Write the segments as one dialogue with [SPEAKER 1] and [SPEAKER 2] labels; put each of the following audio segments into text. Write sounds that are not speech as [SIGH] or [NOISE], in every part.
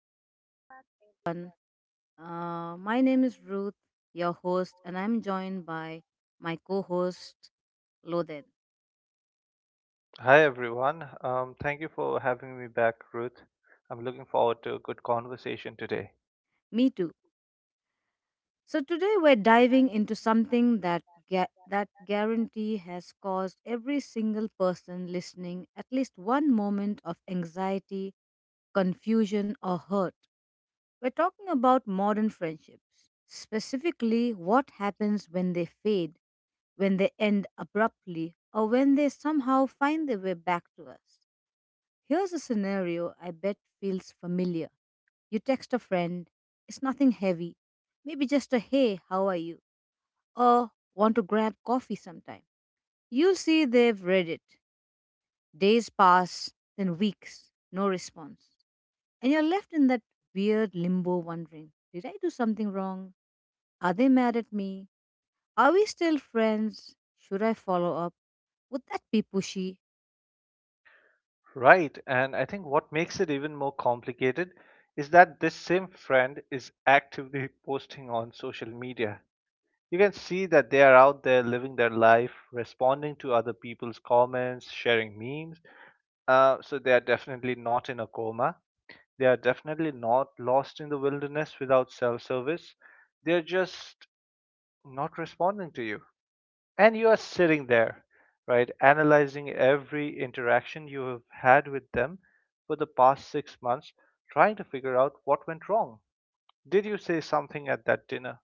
[SPEAKER 1] Welcome back, everyone. My name is Ruth, your host, and I'm joined by my co host, Loden.
[SPEAKER 2] Hi everyone. Thank you for having me back, Ruth. I'm looking forward to a good conversation today.
[SPEAKER 1] Me too. So, today we're diving into something that guarantee has caused every single person listening at least one moment of anxiety, confusion, or hurt. We're talking about modern friendships, specifically what happens when they fade, when they end abruptly, or when they somehow find their way back to us. Here's a scenario I bet feels familiar. You text a friend. It's nothing heavy, maybe just a hey, how are you? Or want to grab coffee sometime. You see they've read it. Days pass, then weeks, no response. And you're left in that weird limbo wondering, did I do something wrong? Are they mad at me? Are we still friends? Should I follow up? Would that be pushy?
[SPEAKER 2] Right, and I think what makes it even more complicated is that this same friend is actively posting on social media. You can see that they are out there living their life, responding to other people's comments, sharing memes. So they are definitely not in a coma. They are definitely not lost in the wilderness without self service. They're just not responding to you, and you are sitting there right, analyzing every interaction you have had with them for the past 6 months, trying to figure out what went wrong. Did you say something at that dinner?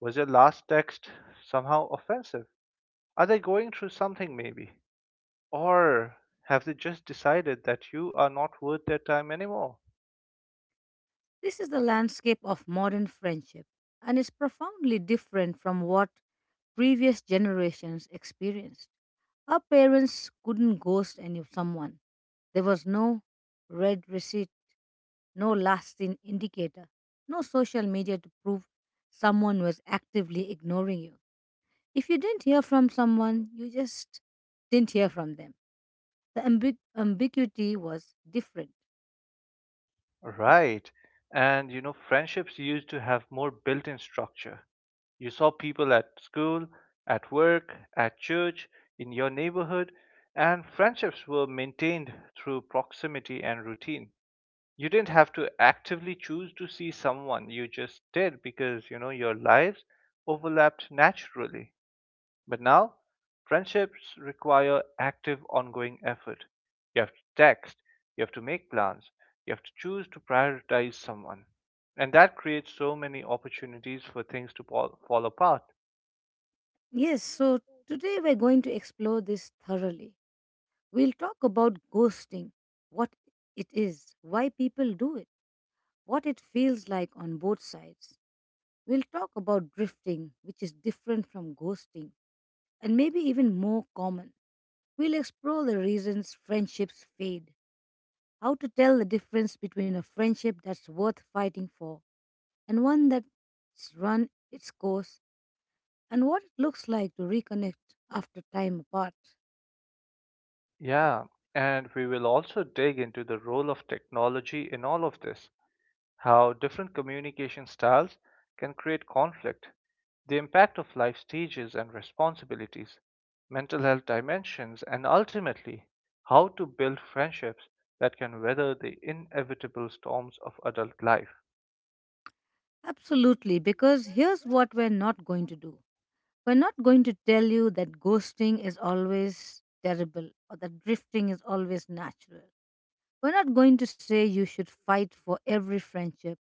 [SPEAKER 2] Was your last text somehow offensive? Are they going through something, maybe? Or have they just decided that you are not worth their time anymore?
[SPEAKER 1] This is the landscape of modern friendship, and is profoundly different from what previous generations experienced. Our parents couldn't ghost any someone. There was no red receipt, no lasting indicator, no social media to prove someone was actively ignoring you. If you didn't hear from someone, you just didn't hear from them. The ambiguity was different.
[SPEAKER 2] Right, and you know, friendships used to have more built-in structure. You saw people at school, at work, at church, in your neighborhood, and friendships were maintained through proximity and routine. You didn't have to actively choose to see someone, you just did because, you know, your lives overlapped naturally. But now, friendships require active, ongoing effort. You have to text, you have to make plans, you have to choose to prioritize someone. And that creates so many opportunities for things to fall apart.
[SPEAKER 1] Yes, so today we're going to explore this thoroughly. We'll talk about ghosting, what it is, why people do it, what it feels like on both sides. We'll talk about drifting, which is different from ghosting and maybe even more common. We'll explore the reasons friendships fade, how to tell the difference between a friendship that's worth fighting for and one that's run its course, and what it looks like to reconnect after time apart.
[SPEAKER 2] Yeah, and we will also dig into the role of technology in all of this, how different communication styles can create conflict, the impact of life stages and responsibilities, mental health dimensions, and ultimately, how to build friendships that can weather the inevitable storms of adult life.
[SPEAKER 1] Absolutely, because here's what we're not going to do. We're not going to tell you that ghosting is always terrible or that drifting is always natural. We're not going to say you should fight for every friendship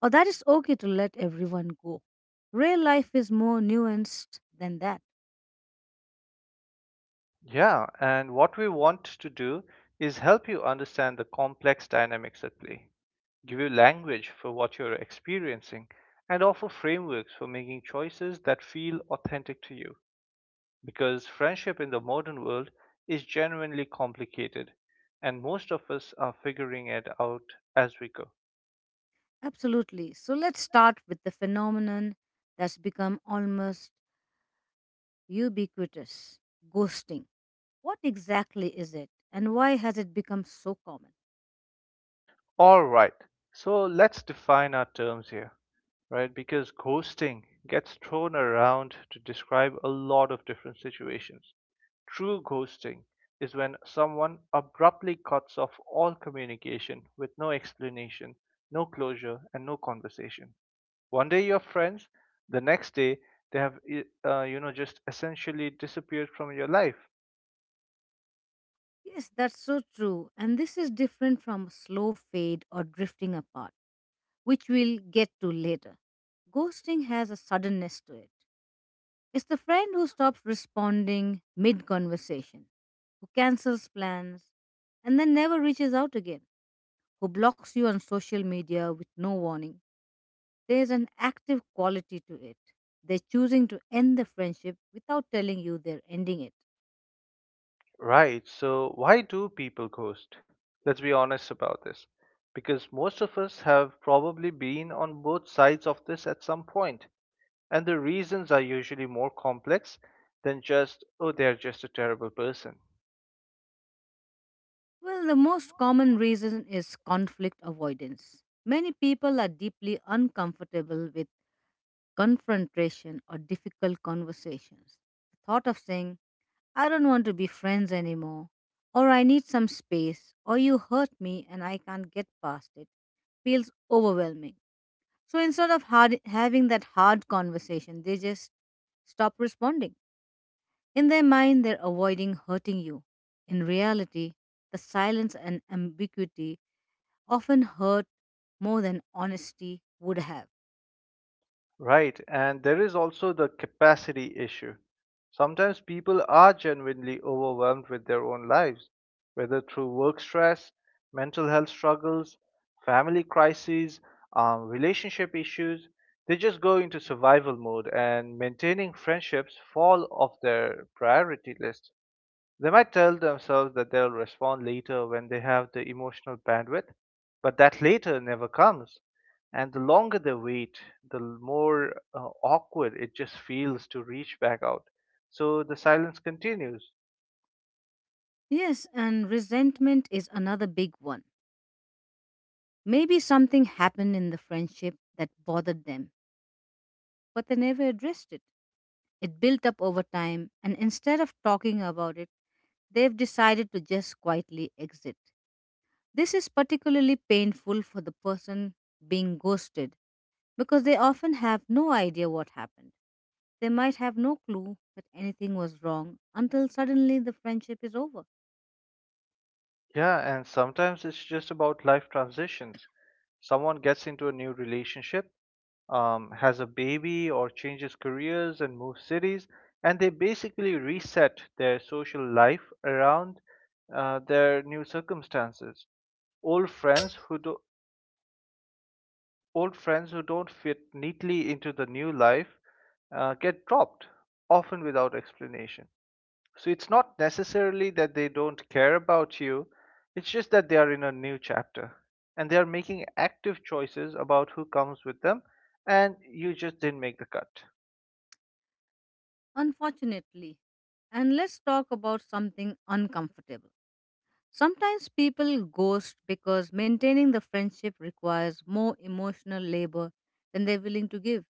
[SPEAKER 1] or that it's okay to let everyone go. Real life is more nuanced than that.
[SPEAKER 2] Yeah, and what we want to do is help you understand the complex dynamics at play, give you language for what you're experiencing, and offer frameworks for making choices that feel authentic to you. Because friendship in the modern world is genuinely complicated, and most of us are figuring it out as we go.
[SPEAKER 1] Absolutely. So let's start with the phenomenon that's become almost ubiquitous. Ghosting. What exactly is it? And why has it become so common?
[SPEAKER 2] All right. So let's define our terms here, right? Because ghosting gets thrown around to describe a lot of different situations. True ghosting is when someone abruptly cuts off all communication with no explanation, no closure, and no conversation. One day you're friends, the next day they have, you know, just essentially disappeared from your life.
[SPEAKER 1] Yes, that's so true. And this is different from slow fade or drifting apart, which we'll get to later. Ghosting has a suddenness to it. It's the friend who stops responding mid conversation, who cancels plans, and then never reaches out again, who blocks you on social media with no warning. There's an active quality to it. They're choosing to end the friendship without telling you they're ending it.
[SPEAKER 2] Right. So, why do people ghost? Let's be honest about this. Because most of us have probably been on both sides of this at some point, and the reasons are usually more complex than just, oh, they're just a terrible person.
[SPEAKER 1] Well, the most common reason is conflict avoidance. Many people are deeply uncomfortable with confrontation or difficult conversations. The thought of saying, I don't want to be friends anymore, or I need some space, or you hurt me and I can't get past it, feels overwhelming. So instead of having that hard conversation, they just stop responding. In their mind, they're avoiding hurting you. In reality, the silence and ambiguity often hurt more than honesty would have.
[SPEAKER 2] Right, and there is also the capacity issue. Sometimes people are genuinely overwhelmed with their own lives, whether through work stress, mental health struggles, family crises, relationship issues. They just go into survival mode, and maintaining friendships fall off their priority list. They might tell themselves that they'll respond later when they have the emotional bandwidth, but that later never comes. And the longer they wait, the more awkward it just feels to reach back out. So the silence continues.
[SPEAKER 1] Yes, and resentment is another big one. Maybe something happened in the friendship that bothered them, but they never addressed it. It built up over time, and instead of talking about it, they've decided to just quietly exit. This is particularly painful for the person being ghosted because they often have no idea what happened. They might have no clue that anything was wrong until suddenly the friendship is over.
[SPEAKER 2] Yeah, and sometimes it's just about life transitions. Someone gets into a new relationship, has a baby or changes careers and moves cities, and they basically reset their social life around their new circumstances. Old friends who do, Old friends who don't fit neatly into the new life get dropped, often without explanation. So it's not necessarily that they don't care about you; it's just that they are in a new chapter and they are making active choices about who comes with them, and you just didn't make the cut.
[SPEAKER 1] Unfortunately, and let's talk about something uncomfortable. Sometimes people ghost because maintaining the friendship requires more emotional labor than they're willing to give.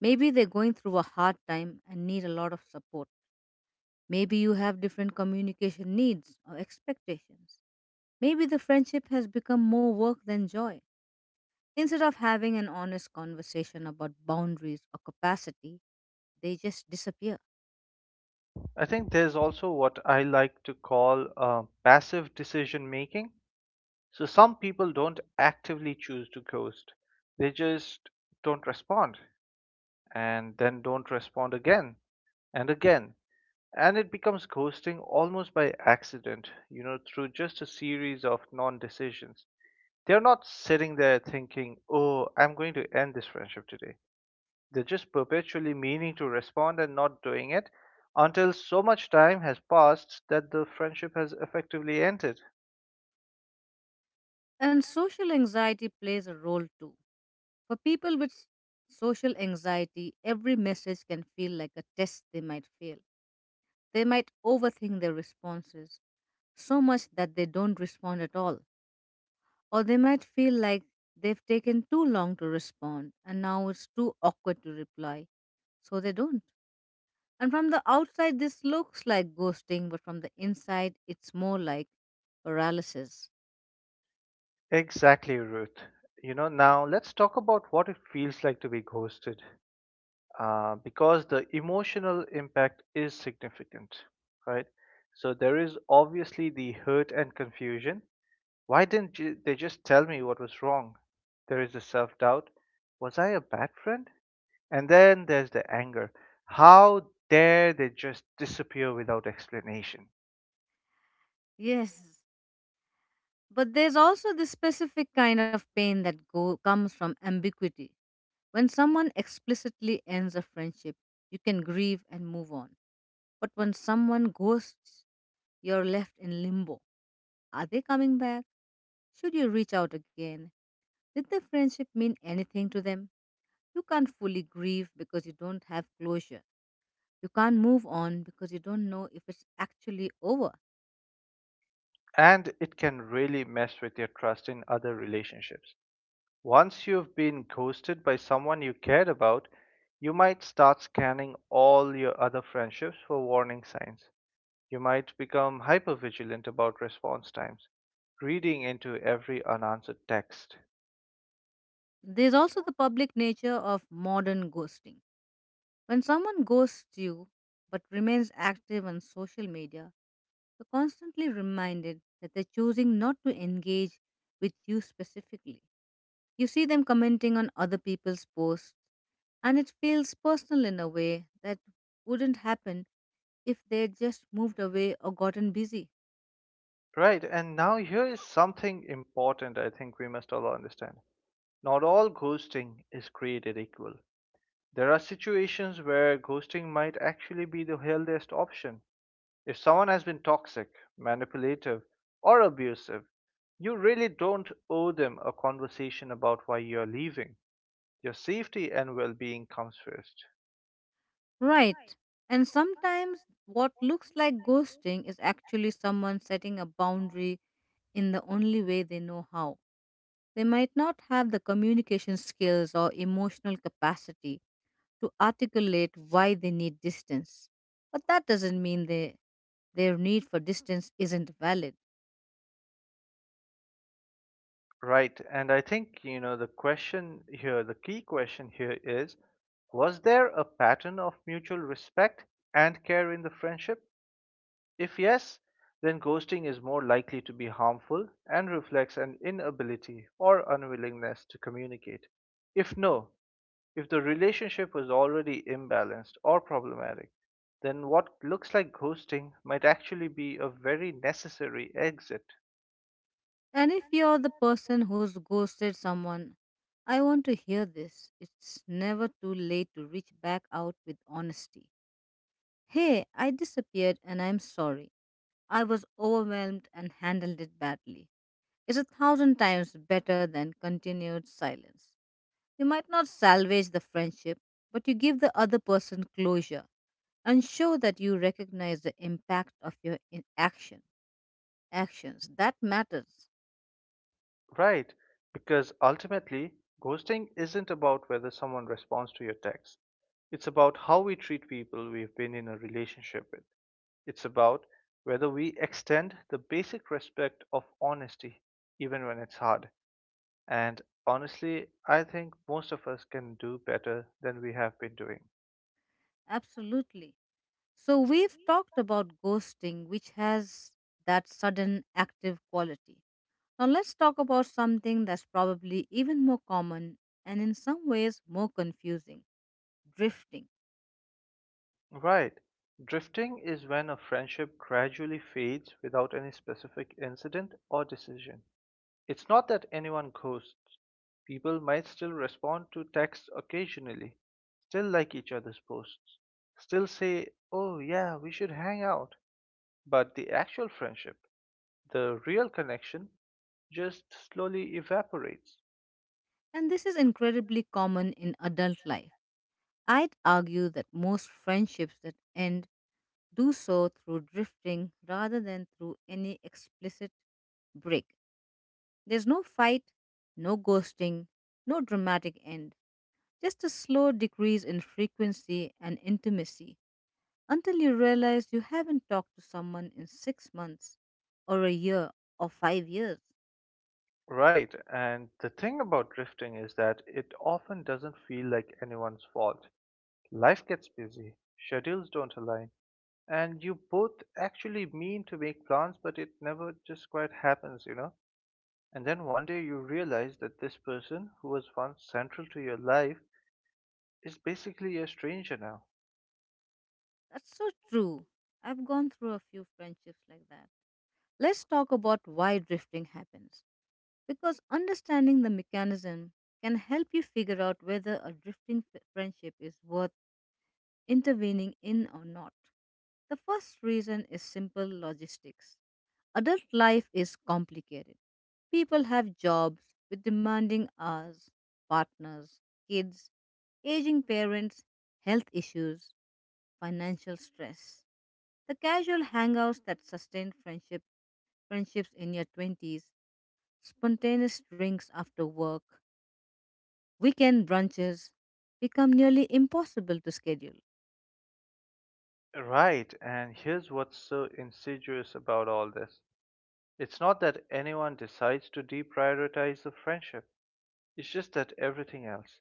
[SPEAKER 1] Maybe they're going through a hard time and need a lot of support. Maybe you have different communication needs or expectations. Maybe the friendship has become more work than joy. Instead of having an honest conversation about boundaries or capacity, they just disappear.
[SPEAKER 2] I think there's also what I like to call passive decision making. So some people don't actively choose to ghost, they just don't respond, and then don't respond again and again. And it becomes ghosting almost by accident, you know, through just a series of non decisions. They're not sitting there thinking, oh, I'm going to end this friendship today. They're just perpetually meaning to respond and not doing it until so much time has passed that the friendship has effectively ended.
[SPEAKER 1] And social anxiety plays a role too. For people with social anxiety, every message can feel like a test they might fail. They might overthink their responses so much that they don't respond at all. Or they might feel like they've taken too long to respond and now it's too awkward to reply, so they don't. And from the outside, this looks like ghosting, but from the inside, it's more like paralysis.
[SPEAKER 2] Exactly, Ruth. You know, now let's talk about what it feels like to be ghosted, because the emotional impact is significant, right? So there is obviously the hurt and confusion. Why didn't they just tell me what was wrong? There is the self doubt. Was I a bad friend? And then there's the anger. How dare they just disappear without explanation?
[SPEAKER 1] Yes, but there's also this specific kind of pain that comes from ambiguity. When someone explicitly ends a friendship, you can grieve and move on. But when someone ghosts, you're left in limbo. Are they coming back? Should you reach out again? Did the friendship mean anything to them? You can't fully grieve because you don't have closure. You can't move on because you don't know if it's actually over.
[SPEAKER 2] And it can really mess with your trust in other relationships. Once you've been ghosted by someone you cared about, you might start scanning all your other friendships for warning signs. You might become hypervigilant about response times, reading into every unanswered text.
[SPEAKER 1] There's also the public nature of modern ghosting. When someone ghosts you but remains active on social media, you're constantly reminded that they're choosing not to engage with you specifically. You see them commenting on other people's posts, and it feels personal in a way that wouldn't happen if they just moved away or gotten busy.
[SPEAKER 2] Right, and now here is something important I think we must all understand. Not all ghosting is created equal. There are situations where ghosting might actually be the healthiest option. If someone has been toxic, manipulative, or abusive, you really don't owe them a conversation about why you're leaving. Your safety and well being comes first.
[SPEAKER 1] Right. And sometimes what looks like ghosting is actually someone setting a boundary in the only way they know how. They might not have the communication skills or emotional capacity to articulate why they need distance. But that doesn't mean their need for distance isn't valid.
[SPEAKER 2] Right, and I think, you know, the question here, the key question here is, was there a pattern of mutual respect and care in the friendship? If yes, then ghosting is more likely to be harmful and reflects an inability or unwillingness to communicate. If no, if the relationship was already imbalanced or problematic, then what looks like ghosting might actually be a very necessary exit.
[SPEAKER 1] And if you're the person who's ghosted someone, I want to hear this. It's never too late to reach back out with honesty. Hey, I disappeared and I'm sorry. I was overwhelmed and handled it badly. It's a thousand times better than continued silence. You might not salvage the friendship, but you give the other person closure and show that you recognize the impact of your action. Actions that matters
[SPEAKER 2] Right, because ultimately, ghosting isn't about whether someone responds to your text. It's about how we treat people we've been in a relationship with. It's about whether we extend the basic respect of honesty, even when it's hard. And honestly, I think most of us can do better than we have been doing.
[SPEAKER 1] absolutely. So we've talked about ghosting, which has that sudden active quality. Now let's talk about something that's probably even more common and in some ways more confusing: drifting.
[SPEAKER 2] Right. Drifting is when a friendship gradually fades without any specific incident or decision. It's not that anyone ghosts. People might still respond to texts occasionally, still like each other's posts, still say, oh yeah, we should hang out. But the actual friendship, the real connection just slowly evaporates.
[SPEAKER 1] And this is incredibly common in adult life. I'd argue that most friendships that end do so through drifting rather than through any explicit break. There's no fight, no ghosting, no dramatic end. Just a slow decrease in frequency and intimacy until you realize you haven't talked to someone in 6 months or a year or 5 years.
[SPEAKER 2] Right, and the thing about drifting is that it often doesn't feel like anyone's fault. Life gets busy, schedules don't align, and you both actually mean to make plans, but it never just quite happens, you know? And then one day you realize that this person who was once central to your life is basically a stranger now.
[SPEAKER 1] That's so true. I've gone through a few friendships like that. Let's talk about why drifting happens. Because understanding the mechanism can help you figure out whether a drifting friendship is worth intervening in or not. The first reason is simple logistics. Adult life is complicated. People have jobs with demanding hours, partners, kids, aging parents, health issues, financial stress. The casual hangouts that sustain friendships in your 20s, spontaneous drinks after work, weekend brunches become nearly impossible to schedule.
[SPEAKER 2] Right, and here's what's so insidious about all this. It's not that anyone decides to deprioritize the friendship, it's just that everything else,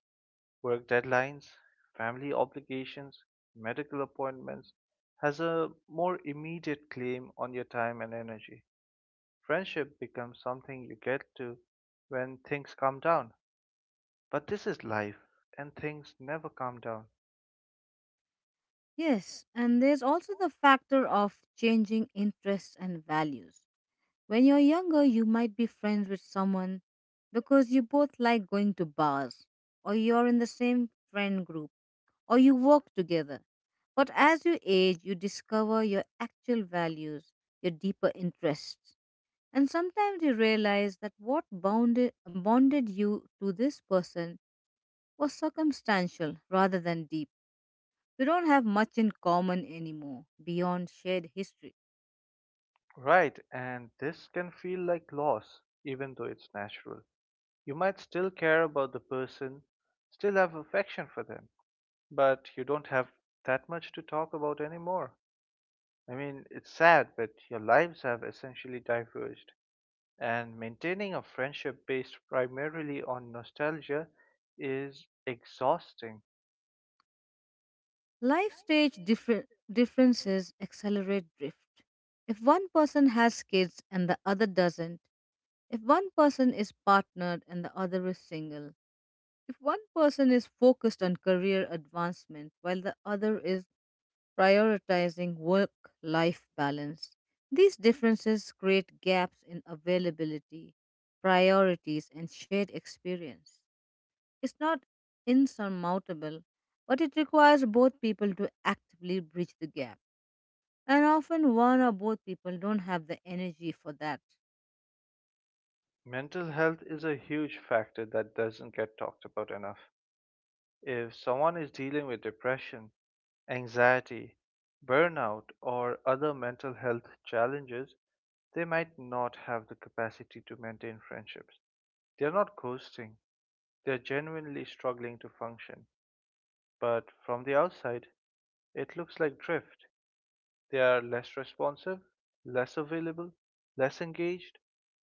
[SPEAKER 2] work deadlines, family obligations, medical appointments, has a more immediate claim on your time and energy. Friendship becomes something you get to when things calm down. But this is life, and things never calm down.
[SPEAKER 1] Yes, and there's also the factor of changing interests and values. When you're younger, you might be friends with someone because you both like going to bars, or you're in the same friend group, or you work together. But as you age, you discover your actual values, your deeper interests. And sometimes you realize that what bonded you to this person was circumstantial rather than deep. You don't have much in common anymore beyond shared history.
[SPEAKER 2] Right, and this can feel like loss, even though it's natural. You might still care about the person, still have affection for them, but you don't have that much to talk about anymore. I mean, it's sad, but your lives have essentially diverged, and maintaining a friendship based primarily on nostalgia is exhausting.
[SPEAKER 1] Life stage differences accelerate drift. If one person has kids and the other doesn't, if one person is partnered and the other is single, if one person is focused on career advancement while the other is prioritizing work life balance, these differences create gaps in availability, priorities, and shared experience. It's not insurmountable, but it requires both people to actively bridge the gap. And often one or both people don't have the energy for that.
[SPEAKER 2] Mental health is a huge factor that doesn't get talked about enough. If someone is dealing with depression, anxiety, burnout, or other mental health challenges, they might not have the capacity to maintain friendships. They're not ghosting, they're genuinely struggling to function. But from the outside, it looks like drift. They are less responsive, less available, less engaged,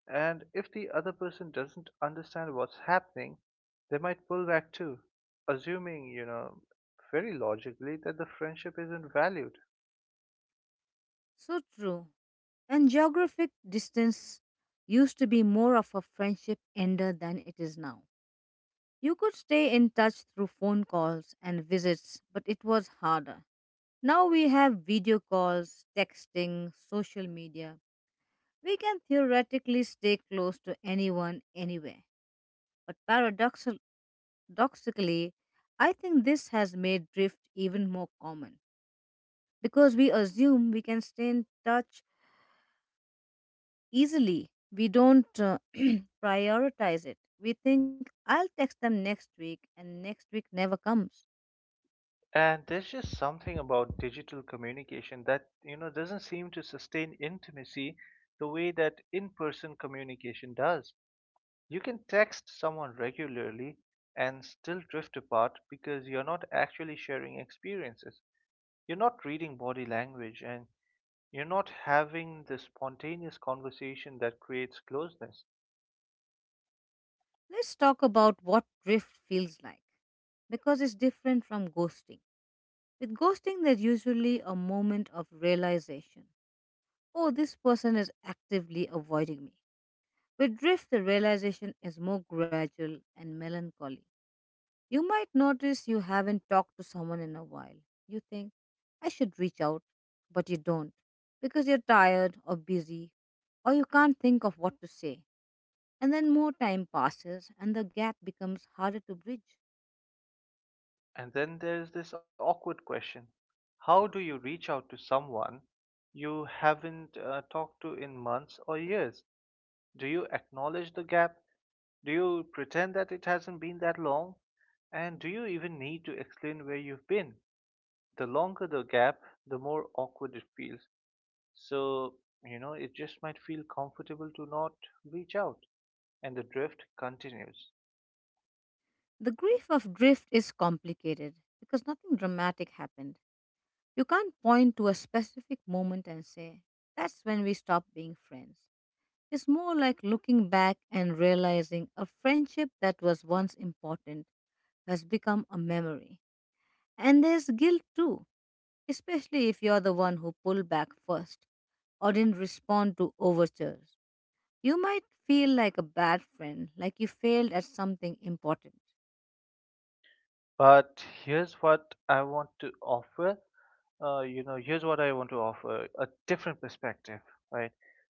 [SPEAKER 2] and if the other person doesn't understand what's happening, they might pull back too, assuming, you know, very logically that the friendship isn't valued.
[SPEAKER 1] So true. And geographic distance used to be more of a friendship ender than it is now. You could stay in touch through phone calls and visits, but it was harder. Now we have video calls, texting, social media. We can theoretically stay close to anyone anywhere. But paradoxically, I think this has made drift even more common because we assume we can stay in touch easily. We don't prioritize it. We think I'll text them next week, and next week never comes.
[SPEAKER 2] And there's just something about digital communication that, you know, doesn't seem to sustain intimacy the way that in person communication does. You can text someone regularly and still drift apart because you're not actually sharing experiences. You're not reading body language, and you're not having the spontaneous conversation that creates closeness.
[SPEAKER 1] Let's talk about what drift feels like because it's different from ghosting. With ghosting, there's usually a moment of realization, oh, this person is actively avoiding me. With drift, the realization is more gradual and melancholy. You might notice you haven't talked to someone in a while. You think, I should reach out, but you don't because you're tired or busy or you can't think of what to say. And then more time passes and the gap becomes harder to bridge.
[SPEAKER 2] And then there's this awkward question. How do you reach out to someone you haven't talked to in months or years? Do you acknowledge the gap? Do you pretend that it hasn't been that long? And do you even need to explain where you've been? The longer the gap, the more awkward it feels. So, you know, it just might feel comfortable to not reach out, and the drift continues.
[SPEAKER 1] The grief of drift is complicated because nothing dramatic happened. You can't point to a specific moment and say, that's when we stopped being friends. It's more like looking back and realizing a friendship that was once important has become a memory. And there's guilt too, especially if you're the one who pulled back first or didn't respond to overtures. You might feel like a bad friend, like you failed at something important.
[SPEAKER 2] But here's what I want to offer. You know, here's what I want to offer, a different perspective, right?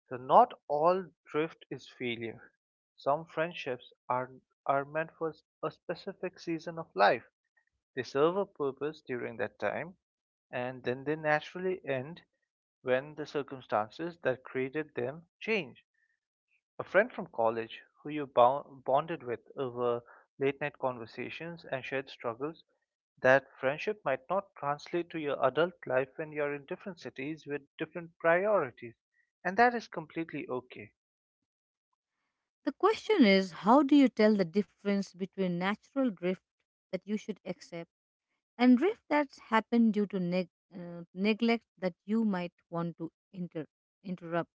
[SPEAKER 2] So, not all drift is failure. Some friendships are meant for a specific season of life, they serve a purpose during that time, and then they naturally end when the circumstances that created them change. A friend from college who you bonded with over late night conversations and shared struggles, that friendship might not translate to your adult life when you're in different cities with different priorities, and that is completely okay.
[SPEAKER 1] The question is, how do you tell the difference between natural drift that you should accept and drift that's happened due to neglect that you might want to interrupt?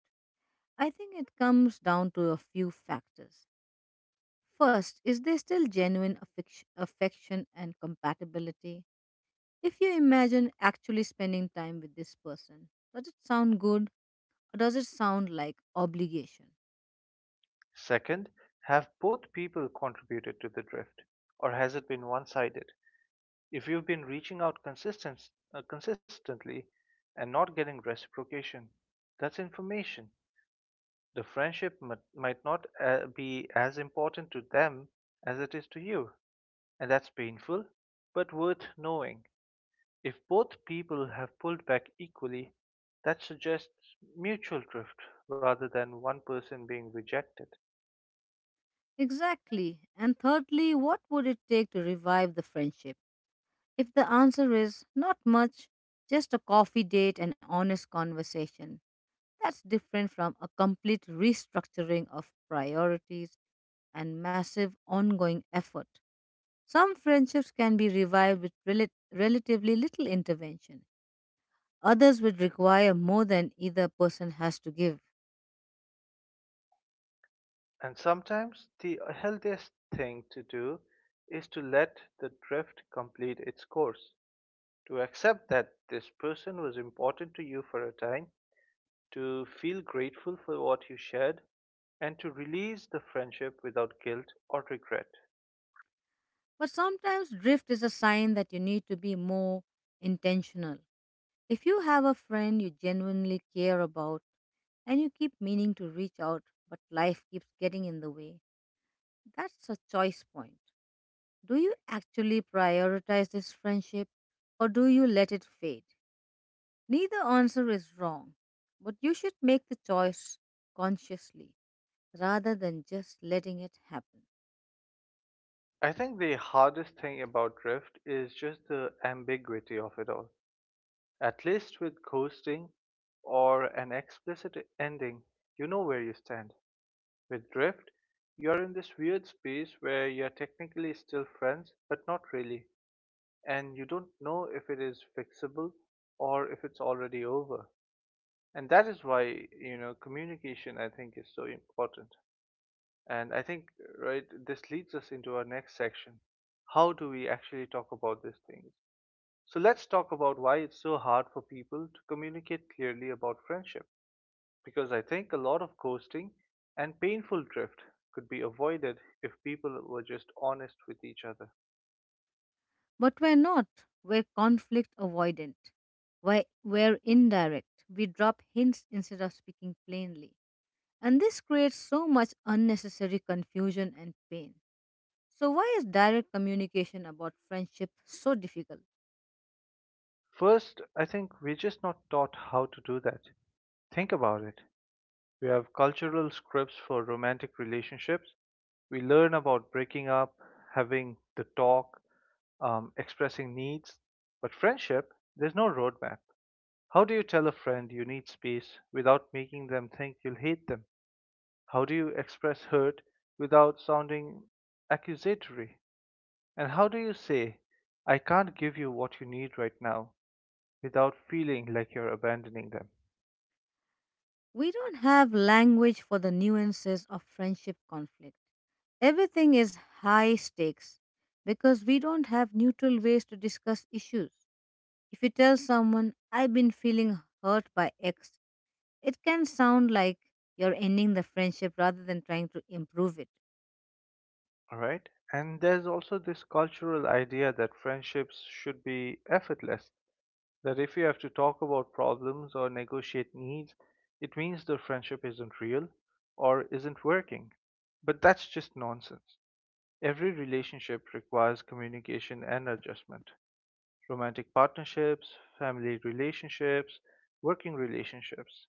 [SPEAKER 1] I think it comes down to a few factors. First, is there still genuine affection and compatibility? If you imagine actually spending time with this person, does it sound good, or does it sound like obligation?
[SPEAKER 2] Second, have both people contributed to the drift, or has it been one sided? If you've been reaching out consistently and not getting reciprocation, that's information. The friendship might not be as important to them as it is to you, and that's painful, but worth knowing. If both people have pulled back equally, that suggests mutual drift rather than one person being rejected.
[SPEAKER 1] Exactly. And thirdly, what would it take to revive the friendship? If the answer is not much, just a coffee date and honest conversation, that's different from a complete restructuring of priorities and massive ongoing effort. Some friendships can be revived with relatively little intervention. Others would require more than either person has to give.
[SPEAKER 2] And sometimes the healthiest thing to do is to let the drift complete its course, to accept that this person was important to you for a time, to feel grateful for what you shared, and to release the friendship without guilt or regret.
[SPEAKER 1] But sometimes drift is a sign that you need to be more intentional. If you have a friend you genuinely care about, and you keep meaning to reach out, but life keeps getting in the way, that's a choice point. Do you actually prioritize this friendship, or do you let it fade? Neither answer is wrong, but you should make the choice consciously rather than just letting it happen.
[SPEAKER 2] I think the hardest thing about drift is just the ambiguity of it all. At least with ghosting or an explicit ending, you know where you stand. With drift, you're in this weird space where you're technically still friends, but not really, and you don't know if it is fixable or if it's already over. And that is why communication, I think, is so important. And I think, right, this leads us into our next section. How do we actually talk about these things? So let's talk about why it's so hard for people to communicate clearly about friendship, because I think a lot of ghosting and painful drift could be avoided if people were just honest with each other.
[SPEAKER 1] But we're not, we're conflict avoidant. We're indirect. We drop hints instead of speaking plainly. And this creates so much unnecessary confusion and pain. So, why is direct communication about friendship so difficult?
[SPEAKER 2] First, I think we're just not taught how to do that. Think about it. We have cultural scripts for romantic relationships. We learn about breaking up, having the talk, expressing needs. But friendship, there's no roadmap. How do you tell a friend you need space without making them think you'll hate them? How do you express hurt without sounding accusatory? And how do you say, "I can't give you what you need right now," without feeling like you're abandoning them?
[SPEAKER 1] We don't have language for the nuances of friendship conflict. Everything is high stakes because we don't have neutral ways to discuss issues. If you tell someone, "I've been feeling hurt by X," it can sound like you're ending the friendship rather than trying to improve it.
[SPEAKER 2] All right. And there's also this cultural idea that friendships should be effortless, that if you have to talk about problems or negotiate needs, it means the friendship isn't real or isn't working. But that's just nonsense. Every relationship requires communication and adjustment. Romantic partnerships, family relationships, working relationships.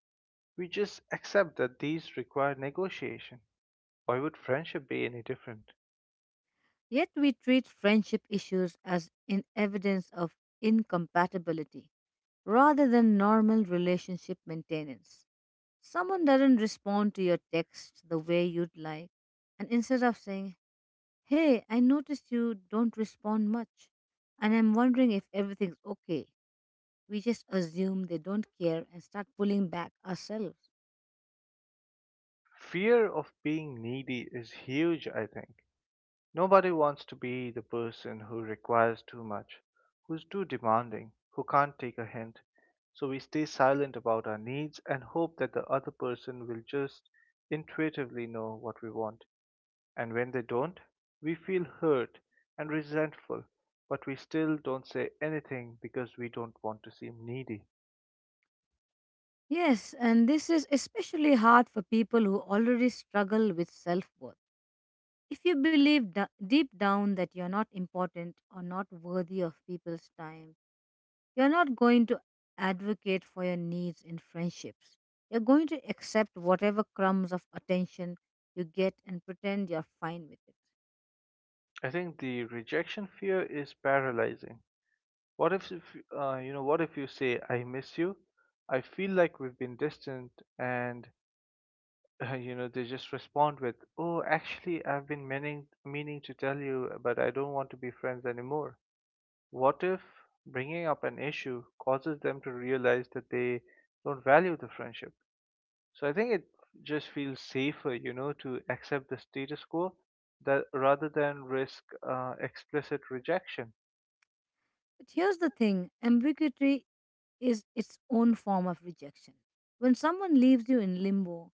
[SPEAKER 2] We just accept that these require negotiation. Why would friendship be any different?
[SPEAKER 1] Yet we treat friendship issues as in evidence of incompatibility rather than normal relationship maintenance. Someone doesn't respond to your text the way you'd like, and instead of saying, "Hey, I noticed you don't respond much, and I'm wondering if everything's okay," we just assume they don't care and start pulling back ourselves.
[SPEAKER 2] Fear of being needy is huge, I think. Nobody wants to be the person who requires too much, who's too demanding, who can't take a hint. So we stay silent about our needs and hope that the other person will just intuitively know what we want. And when they don't, we feel hurt and resentful, but we still don't say anything because we don't want to seem needy.
[SPEAKER 1] Yes, and this is especially hard for people who already struggle with self worth. If you believe deep down that you're not important or not worthy of people's time, you're not going to advocate for your needs in friendships. You're going to accept whatever crumbs of attention you get and pretend you're fine with it.
[SPEAKER 2] I think the rejection fear is paralyzing. What if you know, what if you say, "I miss you? I feel like we've been distant," and [LAUGHS] you know, they just respond with, "Oh, actually, I've been meaning to tell you, but I don't want to be friends anymore." What if bringing up an issue causes them to realize that they don't value the friendship? So I think it just feels safer, you know, to accept the status quo, that rather than risk explicit rejection.
[SPEAKER 1] But here's the thing: ambiguity is its own form of rejection. When someone leaves you in limbo,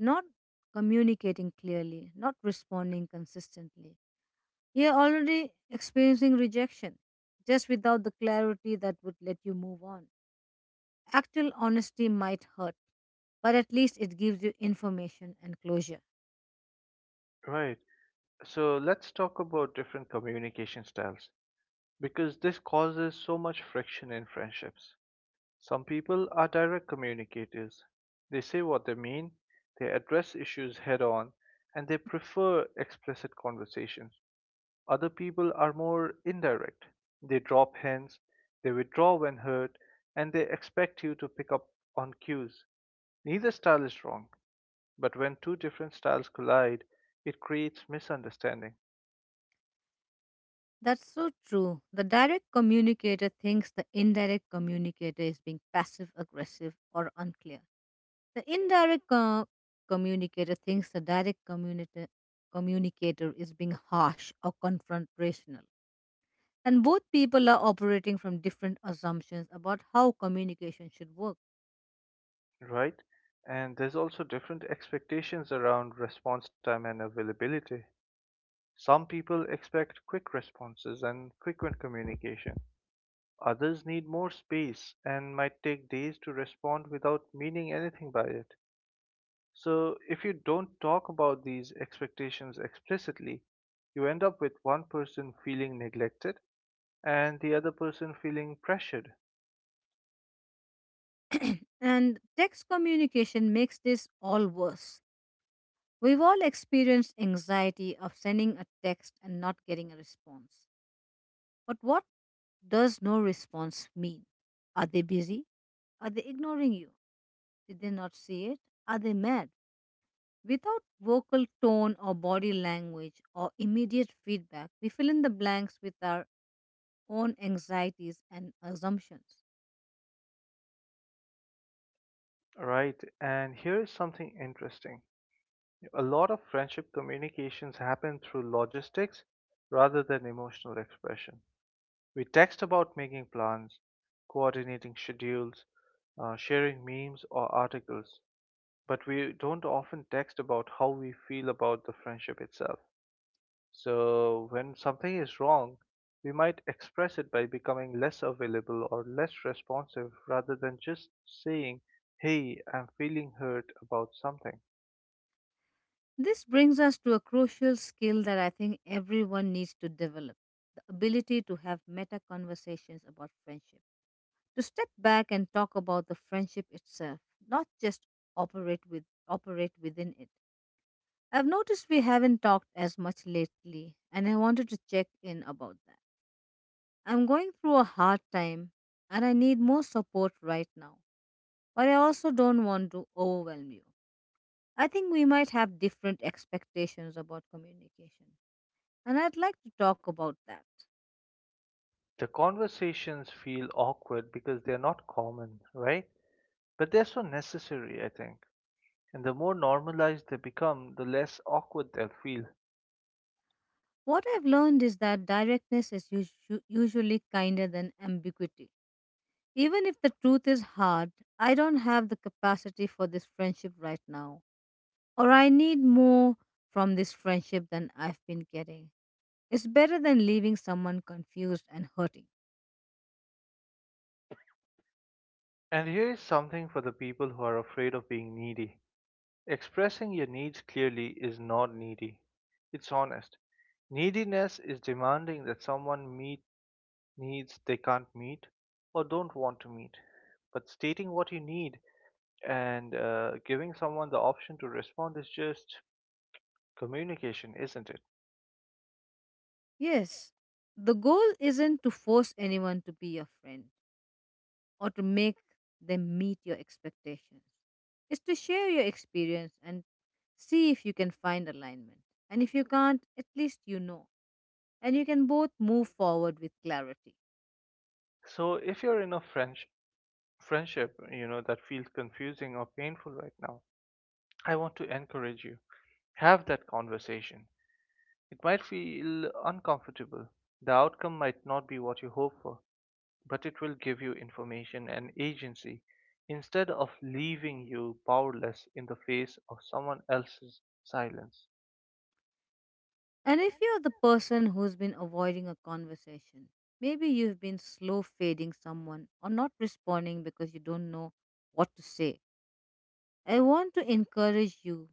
[SPEAKER 1] not communicating clearly, not responding consistently, you're already experiencing rejection, just without the clarity that would let you move on. Actual honesty might hurt, but at least it gives you information and closure.
[SPEAKER 2] Right. So let's talk about different communication styles because this causes so much friction in friendships. Some people are direct communicators. They say what they mean, they address issues head on, and they prefer explicit conversations. Other people are more indirect. They drop hints, they withdraw when hurt, and they expect you to pick up on cues. Neither style is wrong, but when two different styles collide, it creates misunderstanding.
[SPEAKER 1] That's so true. The direct communicator thinks the indirect communicator is being passive aggressive or unclear. The communicator thinks the direct communicator is being harsh or confrontational. And both people are operating from different assumptions about how communication should work.
[SPEAKER 2] Right? And there's also different expectations around response time and availability. Some people expect quick responses and frequent communication. Others need more space and might take days to respond without meaning anything by it. So, if you don't talk about these expectations explicitly, you end up with one person feeling neglected and the other person feeling pressured.
[SPEAKER 1] And text communication makes this all worse. We've all experienced anxiety of sending a text and not getting a response. But what does no response mean? Are they busy? Are they ignoring you? Did they not see it? Are they mad? Without vocal tone or body language or immediate feedback, we fill in the blanks with our own anxieties and assumptions.
[SPEAKER 2] Right? And here is something interesting. A lot of friendship communications happen through logistics rather than emotional expression. We text about making plans, coordinating schedules, sharing memes or articles, but we don't often text about how we feel about the friendship itself. So, when something is wrong, we might express it by becoming less available or less responsive rather than just saying, "Hey, I'm feeling hurt about something."
[SPEAKER 1] This brings us to a crucial skill that I think everyone needs to develop: the ability to have meta conversations about friendship, to step back and talk about the friendship itself, not just operate within it. I've noticed we haven't talked as much lately, and I wanted to check in about that. I'm going through a hard time and I need more support right now, but I also don't want to overwhelm you. I think we might have different expectations about communication, and I'd like to talk about that.
[SPEAKER 2] The conversations feel awkward because they're not common, right? But they're so necessary, I think. And the more normalized they become, the less awkward they'll feel.
[SPEAKER 1] What I've learned is that directness is usually kinder than ambiguity. Even if the truth is hard, "I don't have the capacity for this friendship right now," or, "I need more from this friendship than I've been getting," it's better than leaving someone confused and hurting.
[SPEAKER 2] And here is something for the people who are afraid of being needy: expressing your needs clearly is not needy, it's honest. Neediness is demanding that someone meet needs they can't meet or don't want to meet. But stating what you need and giving someone the option to respond is just communication, isn't it?
[SPEAKER 1] Yes, the goal isn't to force anyone to be your friend or to make them meet your expectations. It's to share your experience and see if you can find alignment. And if you can't, at least you know, and you can both move forward with clarity.
[SPEAKER 2] So if you're in a French friendship, you know, that feels confusing or painful right now, I want to encourage you. Have that conversation. It might feel uncomfortable. The outcome might not be what you hope for, but it will give you information and agency instead of leaving you powerless in the face of someone else's silence.
[SPEAKER 1] And if you're the person who's been avoiding a conversation, maybe you've been slow fading someone or not responding because you don't know what to say, I want to encourage you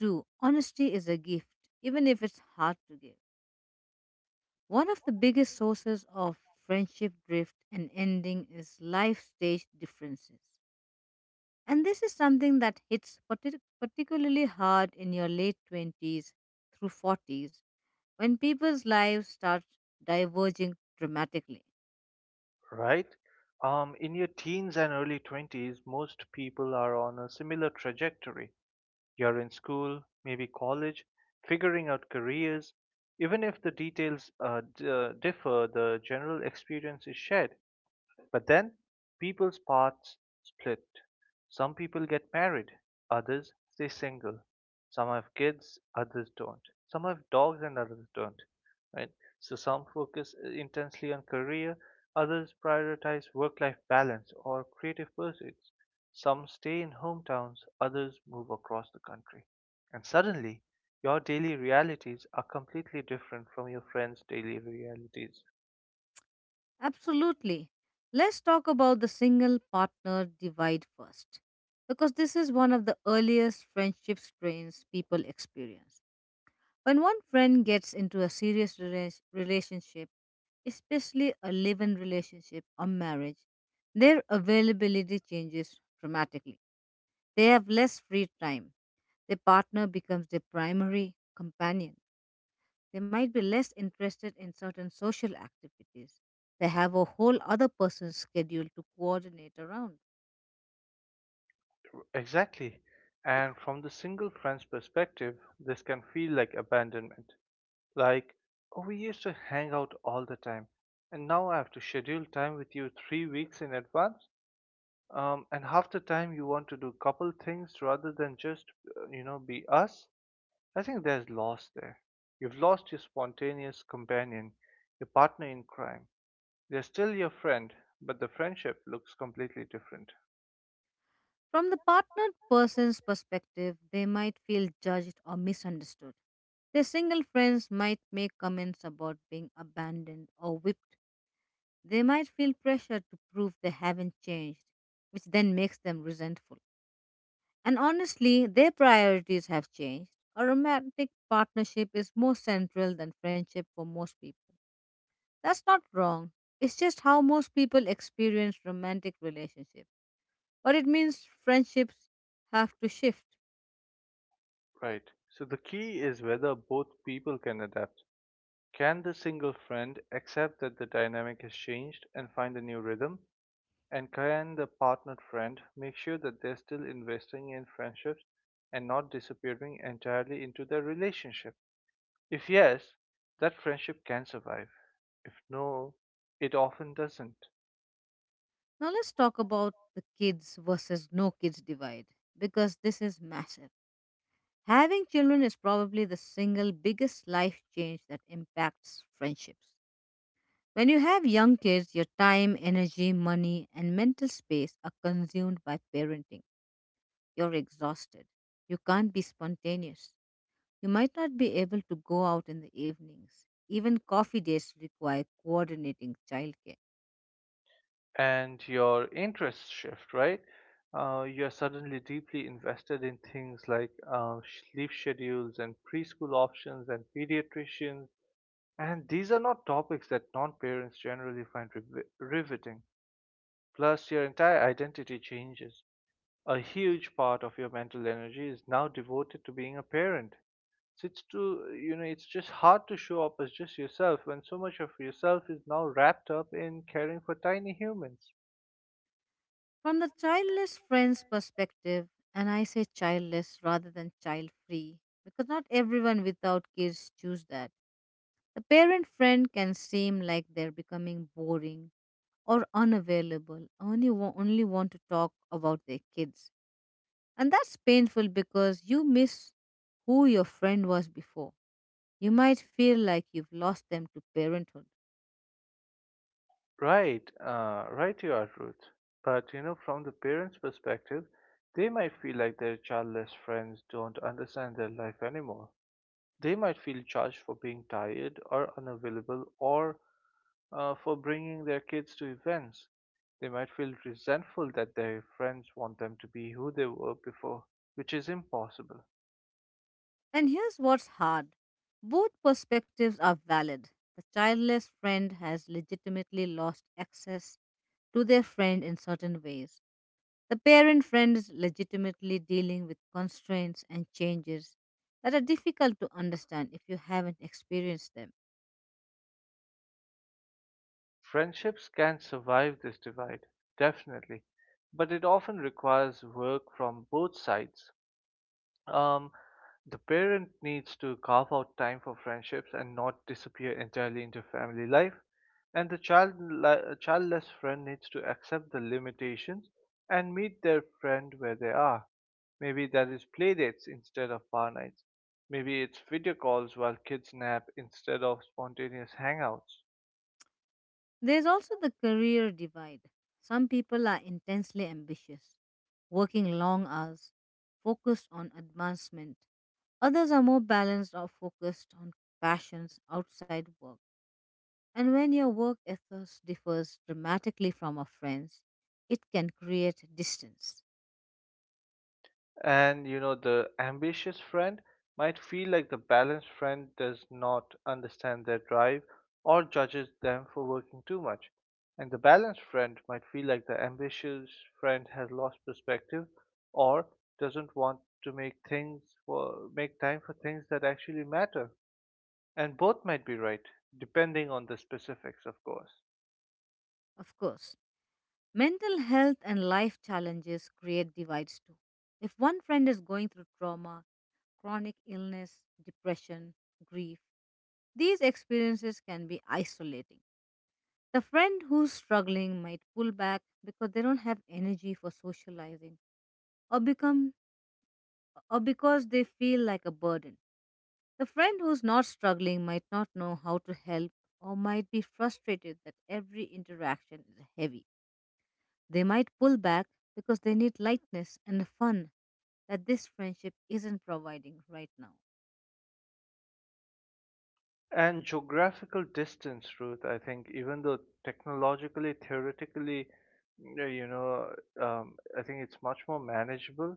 [SPEAKER 1] to honesty is a gift, even if it's hard to give. One of the biggest sources of friendship drift and ending is life stage differences. And this is something that hits particularly hard in your late 20s through 40s, when people's lives start diverging dramatically.
[SPEAKER 2] Right? In your teens and early 20s, most people are on a similar trajectory. You're in school, maybe college, figuring out careers. Even if the details differ, the general experience is shared. But then people's paths split. Some people get married, others stay single. Some have kids, others don't. Some have dogs and others don't. Right? So some focus intensely on career, others prioritize work-life balance or creative pursuits. Some stay in hometowns, others move across the country. And suddenly, your daily realities are completely different from your friends' daily realities.
[SPEAKER 1] Absolutely. Let's talk about the single partner divide first, because this is one of the earliest friendship strains people experience. When one friend gets into a serious relationship, especially a live in relationship or marriage, their availability changes dramatically. They have less free time. Their partner becomes their primary companion. They might be less interested in certain social activities. They have a whole other person's schedule to coordinate around.
[SPEAKER 2] Exactly. And from the single friend's perspective, this can feel like abandonment. Like, oh, we used to hang out all the time, and now I have to schedule time with you 3 weeks in advance. And half the time you want to do couple things rather than just, you know, be us. I think there's loss there. You've lost your spontaneous companion, your partner in crime. They're still your friend, but the friendship looks completely different.
[SPEAKER 1] From the partnered person's perspective, they might feel judged or misunderstood. Their single friends might make comments about being abandoned or whipped. They might feel pressure to prove they haven't changed, which then makes them resentful. And honestly, their priorities have changed. A romantic partnership is more central than friendship for most people. That's not wrong. It's just how most people experience romantic relationships. But it means friendships have to shift.
[SPEAKER 2] Right. So the key is whether both people can adapt. Can the single friend accept that the dynamic has changed and find a new rhythm? And can the partnered friend make sure that they're still investing in friendships and not disappearing entirely into their relationship? If yes, that friendship can survive. If no, it often doesn't.
[SPEAKER 1] Now let's talk about the kids versus no kids divide, because this is massive. Having children is probably the single biggest life change that impacts friendships. When you have young kids, your time, energy, money, and mental space are consumed by parenting. You're exhausted. You can't be spontaneous. You might not be able to go out in the evenings. Even coffee dates require coordinating childcare.
[SPEAKER 2] And your interests shift, right? You're suddenly deeply invested in things like sleep schedules and preschool options and pediatricians. And these are not topics that non parents generally find riveting. Plus, your entire identity changes. A huge part of your mental energy is now devoted to being a parent. So it's to, you know, it's just hard to show up as just yourself when so much of yourself is now wrapped up in caring for tiny humans.
[SPEAKER 1] From the childless friend's perspective, and I say childless rather than child free because not everyone without kids choose that, the parent friend can seem like they're becoming boring or unavailable, only want to talk about their kids. And that's painful because you miss who your friend was before. You might feel like you've lost them to parenthood.
[SPEAKER 2] Right, you are, Ruth. But you know, from the parents' perspective, they might feel like their childless friends don't understand their life anymore. They might feel judged for being tired or unavailable or for bringing their kids to events. They might feel resentful that their friends want them to be who they were before, which is impossible.
[SPEAKER 1] And here's what's hard: both perspectives are valid. The childless friend has legitimately lost access to their friend in certain ways. The parent friend is legitimately dealing with constraints and changes that are difficult to understand if you haven't experienced them.
[SPEAKER 2] Friendships can survive this divide, definitely, but it often requires work from both sides. Um, the parent needs to carve out time for friendships and not disappear entirely into family life. And the childless friend needs to accept the limitations and meet their friend where they are. Maybe that is play dates instead of bar nights. Maybe it's video calls while kids nap instead of spontaneous hangouts.
[SPEAKER 1] There's also the career divide. Some people are intensely ambitious, working long hours, focused on advancement. Others are more balanced or focused on passions outside work. And when your work ethos differs dramatically from a friend's, it can create distance.
[SPEAKER 2] And you know, the ambitious friend might feel like the balanced friend does not understand their drive or judges them for working too much. And the balanced friend might feel like the ambitious friend has lost perspective or doesn't want to make things for make time for things that actually matter. And both might be right, depending on the specifics, of course.
[SPEAKER 1] Of course, mental health and life challenges create divides too. If one friend is going through trauma, chronic illness, depression, grief, these experiences can be isolating. The friend who's struggling might pull back because they don't have energy for socializing, or become or because they feel like a burden. The friend who's not struggling might not know how to help or might be frustrated that every interaction is heavy. They might pull back because they need lightness and fun that this friendship isn't providing right now.
[SPEAKER 2] And geographical distance, Ruth, I think, even though technologically, theoretically, you know, I think it's much more manageable,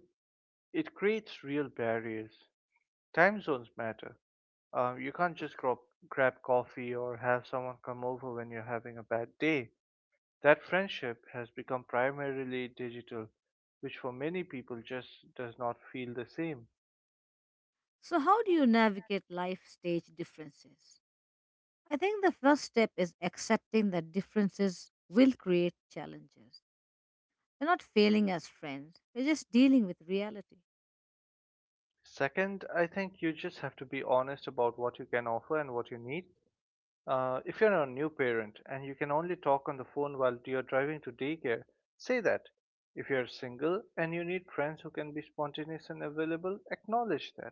[SPEAKER 2] it creates real barriers. Time zones matter. You can't just grab coffee or have someone come over when you're having a bad day. That friendship has become primarily digital, which for many people just does not feel the same.
[SPEAKER 1] So, how do you navigate life stage differences? I think the first step is accepting that differences will create challenges. They're not failing as friends, they're just dealing with reality.
[SPEAKER 2] Second, I think you just have to be honest about what you can offer and what you need. If you're a new parent and you can only talk on the phone while you're driving to daycare, say that. If you're single and you need friends who can be spontaneous and available, acknowledge that.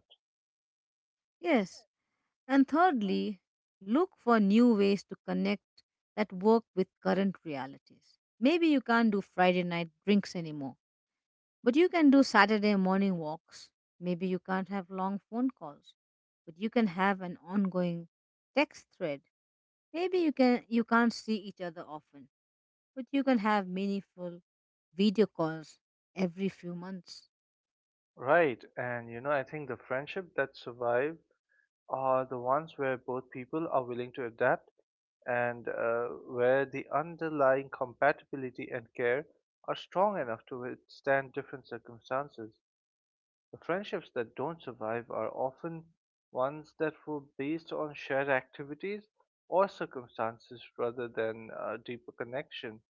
[SPEAKER 1] Yes. And thirdly, look for new ways to connect that work with current realities. Maybe you can't do Friday night drinks anymore, but you can do Saturday morning walks. Maybe you can't have long phone calls, but you can have an ongoing text thread. Maybe you can't see each other often, but you can have meaningful video calls every few months.
[SPEAKER 2] Right, and you know, I think the friendship that survive are the ones where both people are willing to adapt and where the underlying compatibility and care are strong enough to withstand different circumstances. The friendships that don't survive are often ones that were based on shared activities or circumstances rather than a deeper connection,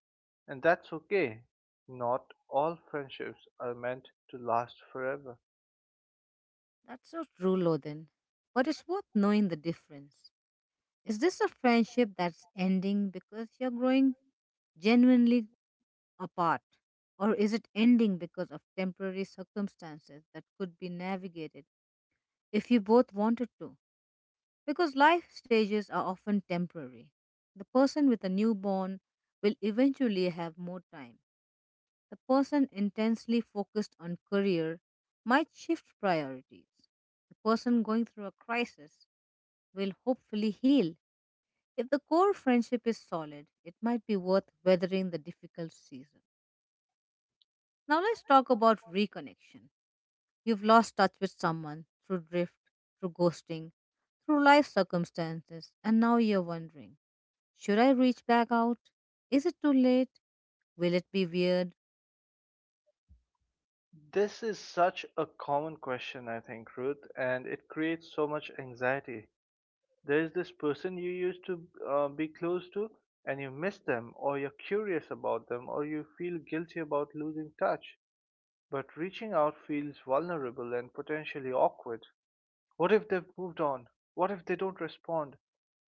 [SPEAKER 2] and that's okay. Not all friendships are meant to last forever.
[SPEAKER 1] That's so true, Loden. But it's worth knowing the difference. Is this a friendship that's ending because you're growing genuinely apart? Or is it ending because of temporary circumstances that could be navigated if you both wanted to? Because life stages are often temporary. The person with a newborn will eventually have more time. The person intensely focused on career might shift priorities. The person going through a crisis will hopefully heal. If the core friendship is solid, it might be worth weathering the difficult season. Now, let's talk about reconnection. You've lost touch with someone through drift, through ghosting, through life circumstances, and now you're wondering, should I reach back out? Is it too late? Will it be weird?
[SPEAKER 2] This is such a common question, I think, Ruth, and it creates so much anxiety. There is this person you used to be close to, and you miss them, or you're curious about them, or you feel guilty about losing touch. But reaching out feels vulnerable and potentially awkward. What if they've moved on? What if they don't respond?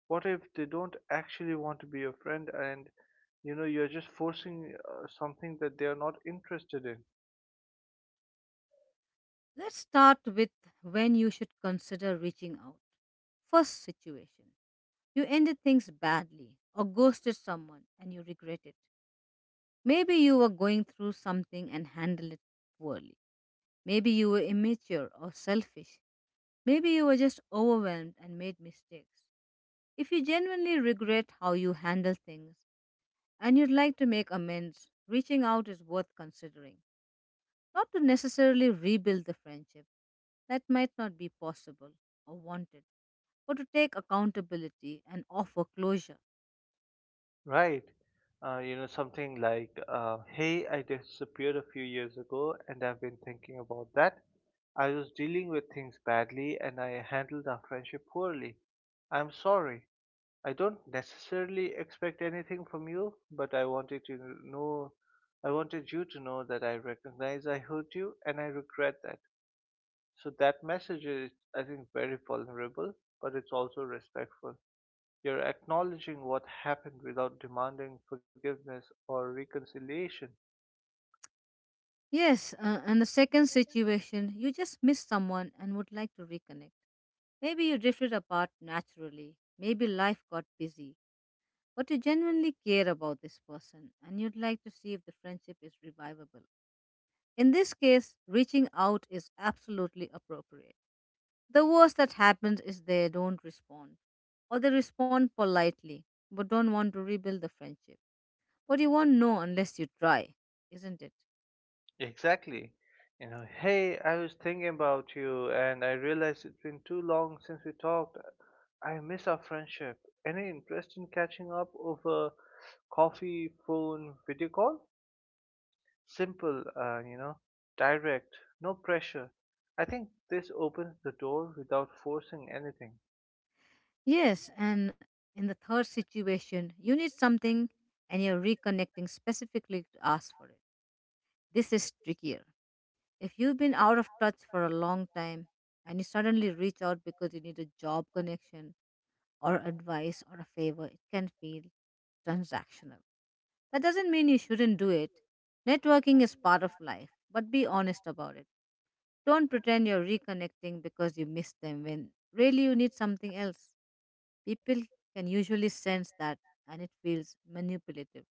[SPEAKER 2] What if they don't actually want to be your friend and you're just forcing something that they are not interested in?
[SPEAKER 1] Let's start with when you should consider reaching out. First situation: you ended things badly or ghosted someone and you regret it. Maybe you were going through something and handled it poorly. Maybe you were immature or selfish. Maybe you were just overwhelmed and made mistakes. If you genuinely regret how you handle things and you'd like to make amends, reaching out is worth considering, not to necessarily rebuild the friendship. That might not be possible or wanted, but to take accountability and offer closure.
[SPEAKER 2] Right. Something like, hey, I disappeared a few years ago and I've been thinking about that. I was dealing with things badly and I handled our friendship poorly. I'm sorry. I don't necessarily expect anything from you, but know, I wanted you to know that I recognize I hurt you and I regret that. So that message is, I think, very vulnerable, but it's also respectful. You're acknowledging what happened without demanding forgiveness or reconciliation.
[SPEAKER 1] Yes, and the second situation, you just miss someone and would like to reconnect. Maybe you drifted apart naturally. Maybe life got busy. But you genuinely care about this person and you'd like to see if the friendship is revivable. In this case, reaching out is absolutely appropriate. The worst that happens is they don't respond, or they respond politely but don't want to rebuild the friendship. But you won't know unless you try, isn't it?
[SPEAKER 2] Exactly. You know, hey, I was thinking about you and I realized it's been too long since we talked. I miss our friendship. Any interest in catching up over coffee, phone, video call? Simple, direct, no pressure. I think this opens the door without forcing anything.
[SPEAKER 1] Yes, and in the third situation, you need something and you're reconnecting specifically to ask for it. This is trickier. If you've been out of touch for a long time and you suddenly reach out because you need a job connection or advice or a favor, it can feel transactional. That doesn't mean you shouldn't do it. Networking is part of life, but be honest about it. Don't pretend you're reconnecting because you miss them when really you need something else. People can usually sense that and it feels manipulative.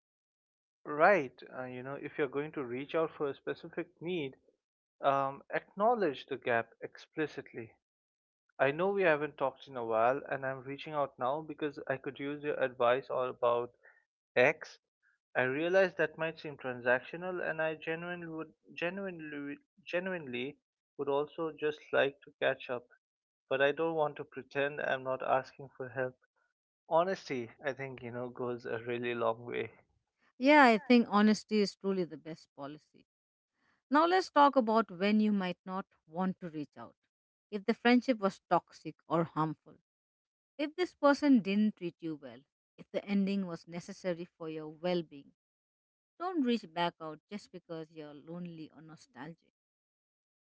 [SPEAKER 2] Right, if you're going to reach out for a specific need, acknowledge the gap explicitly. I know we haven't talked in a while, and I'm reaching out now because I could use your advice all about X. I realize that might seem transactional, and I genuinely would also just like to catch up, but I don't want to pretend I'm not asking for help. Honesty, I think, goes a really long way.
[SPEAKER 1] Yeah, I think honesty is truly the best policy. Now let's talk about when you might not want to reach out. If the friendship was toxic or harmful, if this person didn't treat you well, if the ending was necessary for your well being, don't reach back out just because you're lonely or nostalgic.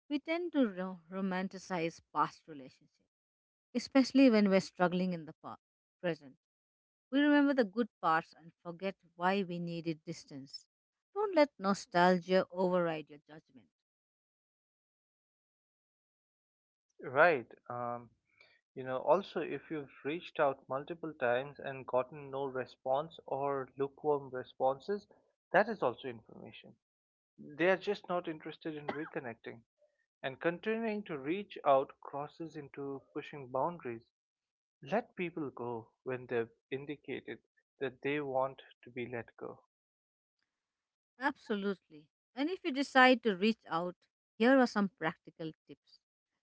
[SPEAKER 1] We tend to romanticize past relationships, especially when we're struggling in the present. We remember the good parts and forget why we needed distance. Don't let nostalgia override your judgment.
[SPEAKER 2] Right. Also if you've reached out multiple times and gotten no response or lukewarm responses, that is also information. They are just not interested in reconnecting. And continuing to reach out crosses into pushing boundaries. Let people go when they've indicated that they want to be let go.
[SPEAKER 1] Absolutely. And if you decide to reach out, here are some practical tips.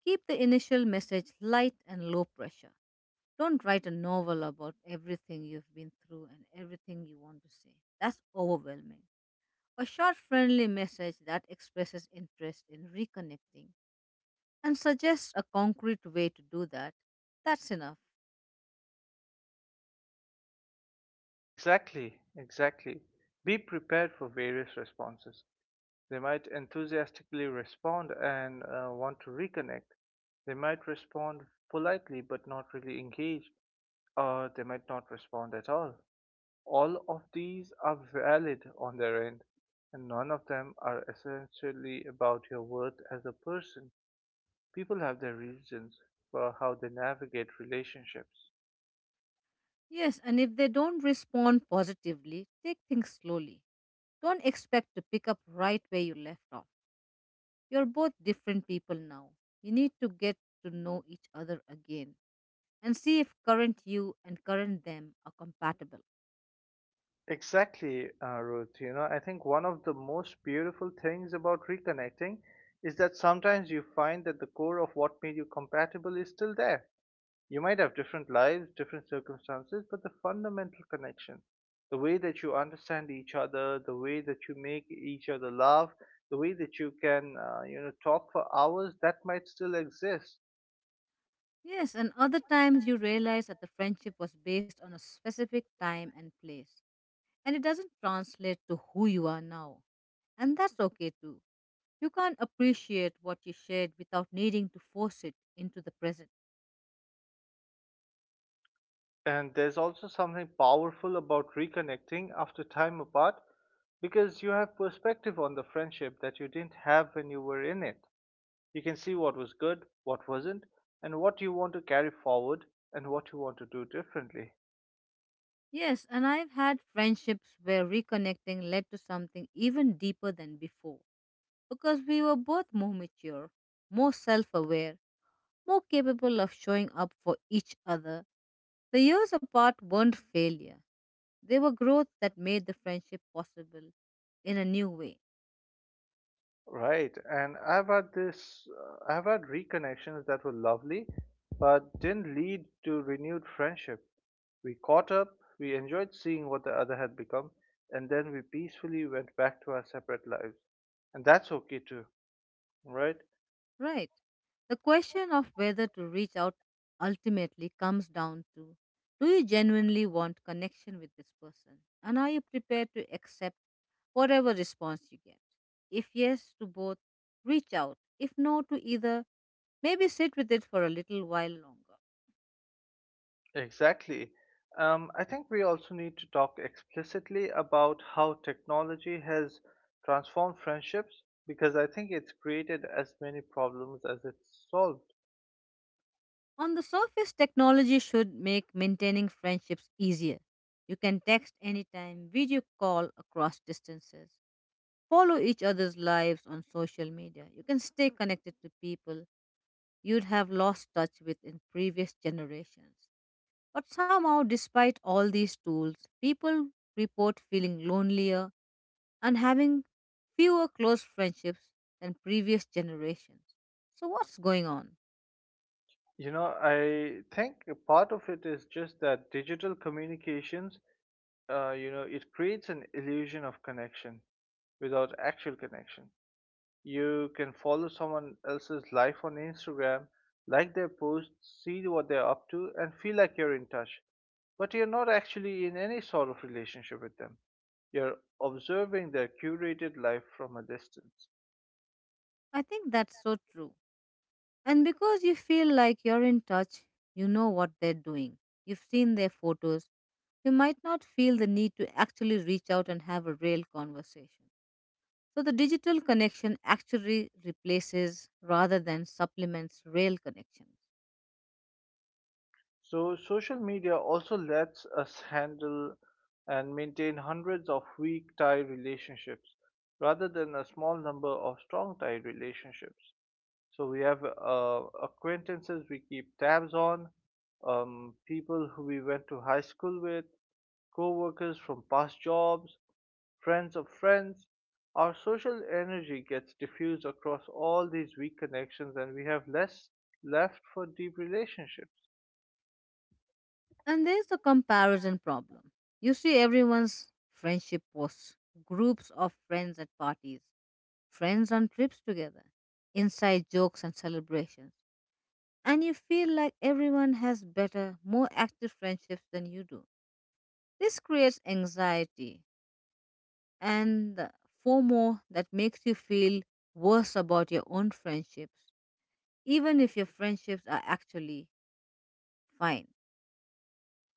[SPEAKER 1] Keep the initial message light and low pressure. Don't write a novel about everything you've been through and everything you want to say. That's overwhelming. A short, friendly message that expresses interest in reconnecting and suggests a concrete way to do that, that's enough.
[SPEAKER 2] Exactly. Be prepared for various responses. They might enthusiastically respond and want to reconnect. They might respond politely but not really engage, or they might not respond at all. All of these are valid on their end, and none of them are essentially about your worth as a person. People have their reasons for how they navigate relationships.
[SPEAKER 1] Yes, and if they don't respond positively, take things slowly. Don't expect to pick up right where you left off. You're both different people now. You need to get to know each other again and see if current you and current them are compatible.
[SPEAKER 2] Exactly, Ruth. You know, I think one of the most beautiful things about reconnecting is that sometimes you find that the core of what made you compatible is still there. You might have different lives, different circumstances, but the fundamental connection, the way that you understand each other, the way that you make each other laugh, the way that you can, talk for hours, that might still exist.
[SPEAKER 1] Yes, and other times you realize that the friendship was based on a specific time and place, and it doesn't translate to who you are now. And that's okay too. You can't appreciate what you shared without needing to force it into the present.
[SPEAKER 2] And there's also something powerful about reconnecting after time apart because you have perspective on the friendship that you didn't have when you were in it. You can see what was good, what wasn't, and what you want to carry forward and what you want to do differently.
[SPEAKER 1] Yes, and I've had friendships where reconnecting led to something even deeper than before because we were both more mature, more self aware, more capable of showing up for each other. The years apart weren't failure. They were growth that made the friendship possible in a new way,
[SPEAKER 2] Right, and I've had this, I've had reconnections that were lovely, but didn't lead to renewed friendship. We caught up, we enjoyed seeing what the other had become, and then we peacefully went back to our separate lives. And that's okay too, right?
[SPEAKER 1] right? The question of whether to reach out ultimately comes down to, do you genuinely want connection with this person? And are you prepared to accept whatever response you get? If yes to both, reach out. If no to either, maybe sit with it for a little while longer.
[SPEAKER 2] Exactly. I think we also need to talk explicitly about how technology has transformed friendships because I think it's created as many problems as it's solved.
[SPEAKER 1] On the surface, technology should make maintaining friendships easier. You can text anytime, video call across distances, follow each other's lives on social media. You can stay connected to people you'd have lost touch with in previous generations. But somehow, despite all these tools, people report feeling lonelier and having fewer close friendships than previous generations. So, what's going on?
[SPEAKER 2] I think a part of it is just that digital communications, it creates an illusion of connection without actual connection. You can follow someone else's life on Instagram, like their posts, see what they're up to, and feel like you're in touch. But you're not actually in any sort of relationship with them. You're observing their curated life from a distance.
[SPEAKER 1] I think that's so true. And because you feel like you're in touch, you know what they're doing. You've seen their photos. You might not feel the need to actually reach out and have a real conversation. So the digital connection actually replaces rather than supplements real connections.
[SPEAKER 2] So social media also lets us handle and maintain hundreds of weak tie relationships rather than a small number of strong tie relationships. So we have acquaintances we keep tabs on, people who we went to high school with, co workers from past jobs, friends of friends. Our social energy gets diffused across all these weak connections, and we have less left for deep relationships.
[SPEAKER 1] And there's the comparison problem. You see everyone's friendship posts, groups of friends at parties, friends on trips together, inside jokes and celebrations, and you feel like everyone has better, more active friendships than you do. This creates anxiety and the FOMO that makes you feel worse about your own friendships, even if your friendships are actually fine.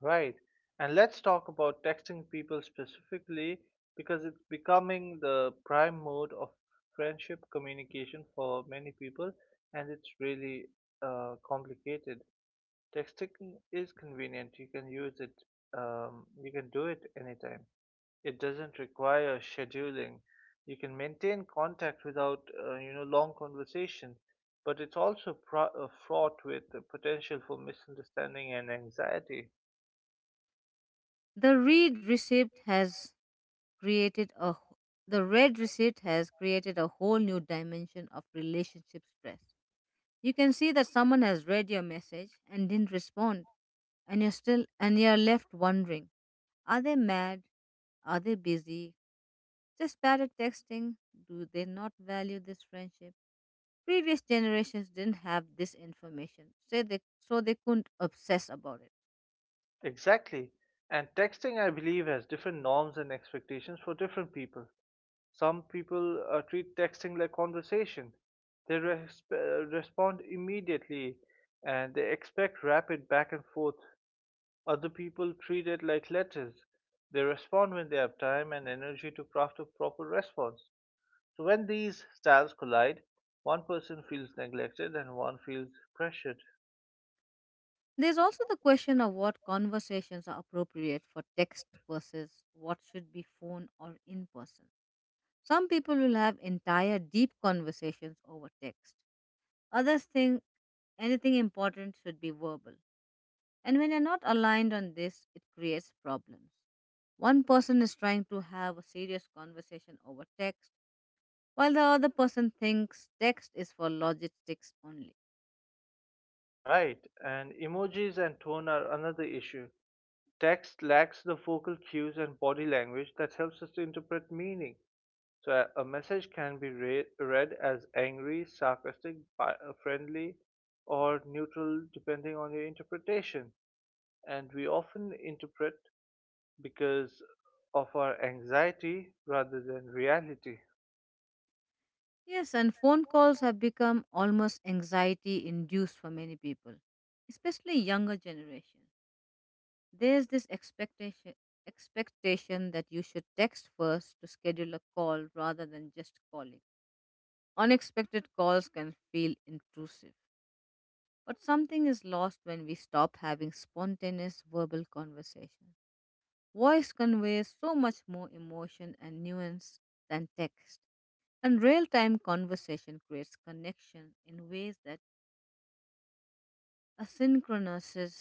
[SPEAKER 2] Right. And let's talk about texting people specifically because it's becoming the prime mode of friendship communication for many people and it's really complicated. Texting is convenient. You can do it anytime. It doesn't require scheduling. You can maintain contact without, long conversation, but it's also fraught with the potential for misunderstanding and anxiety.
[SPEAKER 1] The read receipt has created a wh- the red receipt has created a whole new dimension of relationship stress. You can see that someone has read your message and didn't respond, and you're still and you're left wondering, are they mad? Are they busy? Just bad at texting? Do they not value this friendship? Previous generations didn't have this information, so they couldn't obsess about it.
[SPEAKER 2] Exactly. And texting, I believe, has different norms and expectations for different people. Some people treat texting like conversation. They respond immediately and they expect rapid back and forth. Other people treat it like letters. They respond when they have time and energy to craft a proper response. So when these styles collide, one person feels neglected and one feels pressured.
[SPEAKER 1] There's also the question of what conversations are appropriate for text versus what should be phone or in person. Some people will have entire deep conversations over text. Others think anything important should be verbal. And when you're not aligned on this, it creates problems. One person is trying to have a serious conversation over text, while the other person thinks text is for logistics only.
[SPEAKER 2] Right, and emojis and tone are another issue. Text lacks the vocal cues and body language that helps us to interpret meaning. So a, message can be read as angry, sarcastic, friendly, or neutral depending on your interpretation. And we often interpret because of our anxiety rather than reality,
[SPEAKER 1] Yes, and phone calls have become almost anxiety induced for many people, especially younger generation. There's this expectation that you should text first to schedule a call rather than just calling. Unexpected calls can feel intrusive. But something is lost when we stop having spontaneous verbal conversation. Voice conveys so much more emotion and nuance than text, and real time conversation creates connection in ways that asynchronous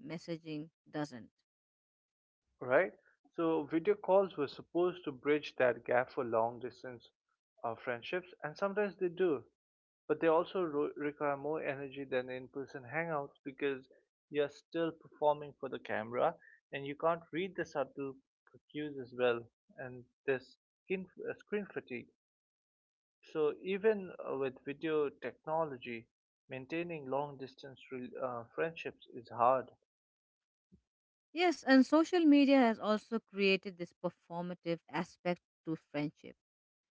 [SPEAKER 1] messaging doesn't.
[SPEAKER 2] right? So video calls were supposed to bridge that gap for long distance friendships, and sometimes they do. But they also require more energy than in-person hangouts because you're still performing for the camera and you can't read the subtle cues as well, and there's screen fatigue. So even with video technology, maintaining long distance friendships is hard.
[SPEAKER 1] Yes, and social media has also created this performative aspect to friendship.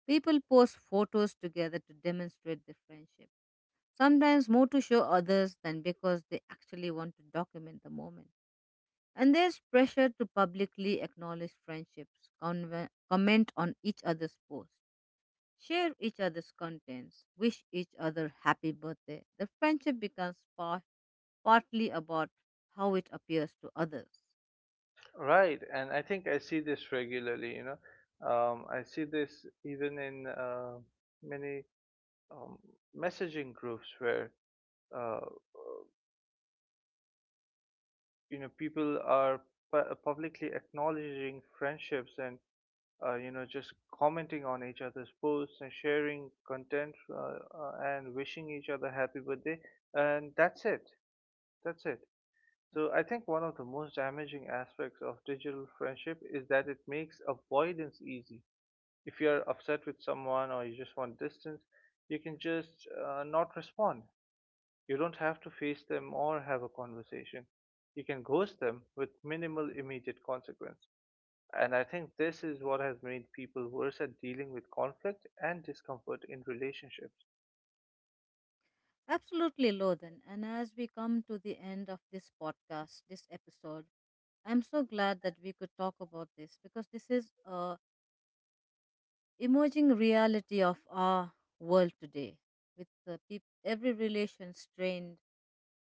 [SPEAKER 1] People post photos together to demonstrate their friendship sometimes more to show others than because they actually want to document the moment. And there's pressure to publicly acknowledge friendships, comment on each other's posts, share each other's contents, wish each other happy birthday. The friendship becomes partly about how it appears to others.
[SPEAKER 2] Right, and I think I see this regularly. I see this even in many um, messaging groups where, uh, people are publicly acknowledging friendships and, just commenting on each other's posts and sharing content, and wishing each other happy birthday, and that's it. So I think one of the most damaging aspects of digital friendship is that it makes avoidance easy. If you're upset with someone or you just want distance, you can just not respond. You don't have to face them or have a conversation. You can ghost them with minimal immediate consequence. And I think this is what has made people worse at dealing with conflict and discomfort in relationships.
[SPEAKER 1] Absolutely, Lothan. And as we come to the end of this podcast, this episode, I'm so glad that we could talk about this because this is a emerging reality of our world today, with every relation strained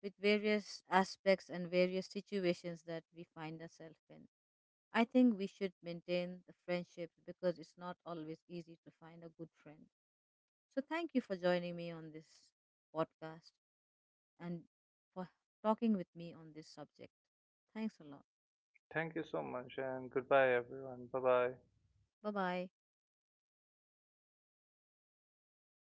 [SPEAKER 1] with various aspects and various situations that we find ourselves in. I think we should maintain the friendships because it's not always easy to find a good friend. So, thank you for joining me on this podcast and for talking with me on this subject. Thanks a lot.
[SPEAKER 2] Thank you so much and goodbye, everyone. Bye bye.
[SPEAKER 1] Bye bye.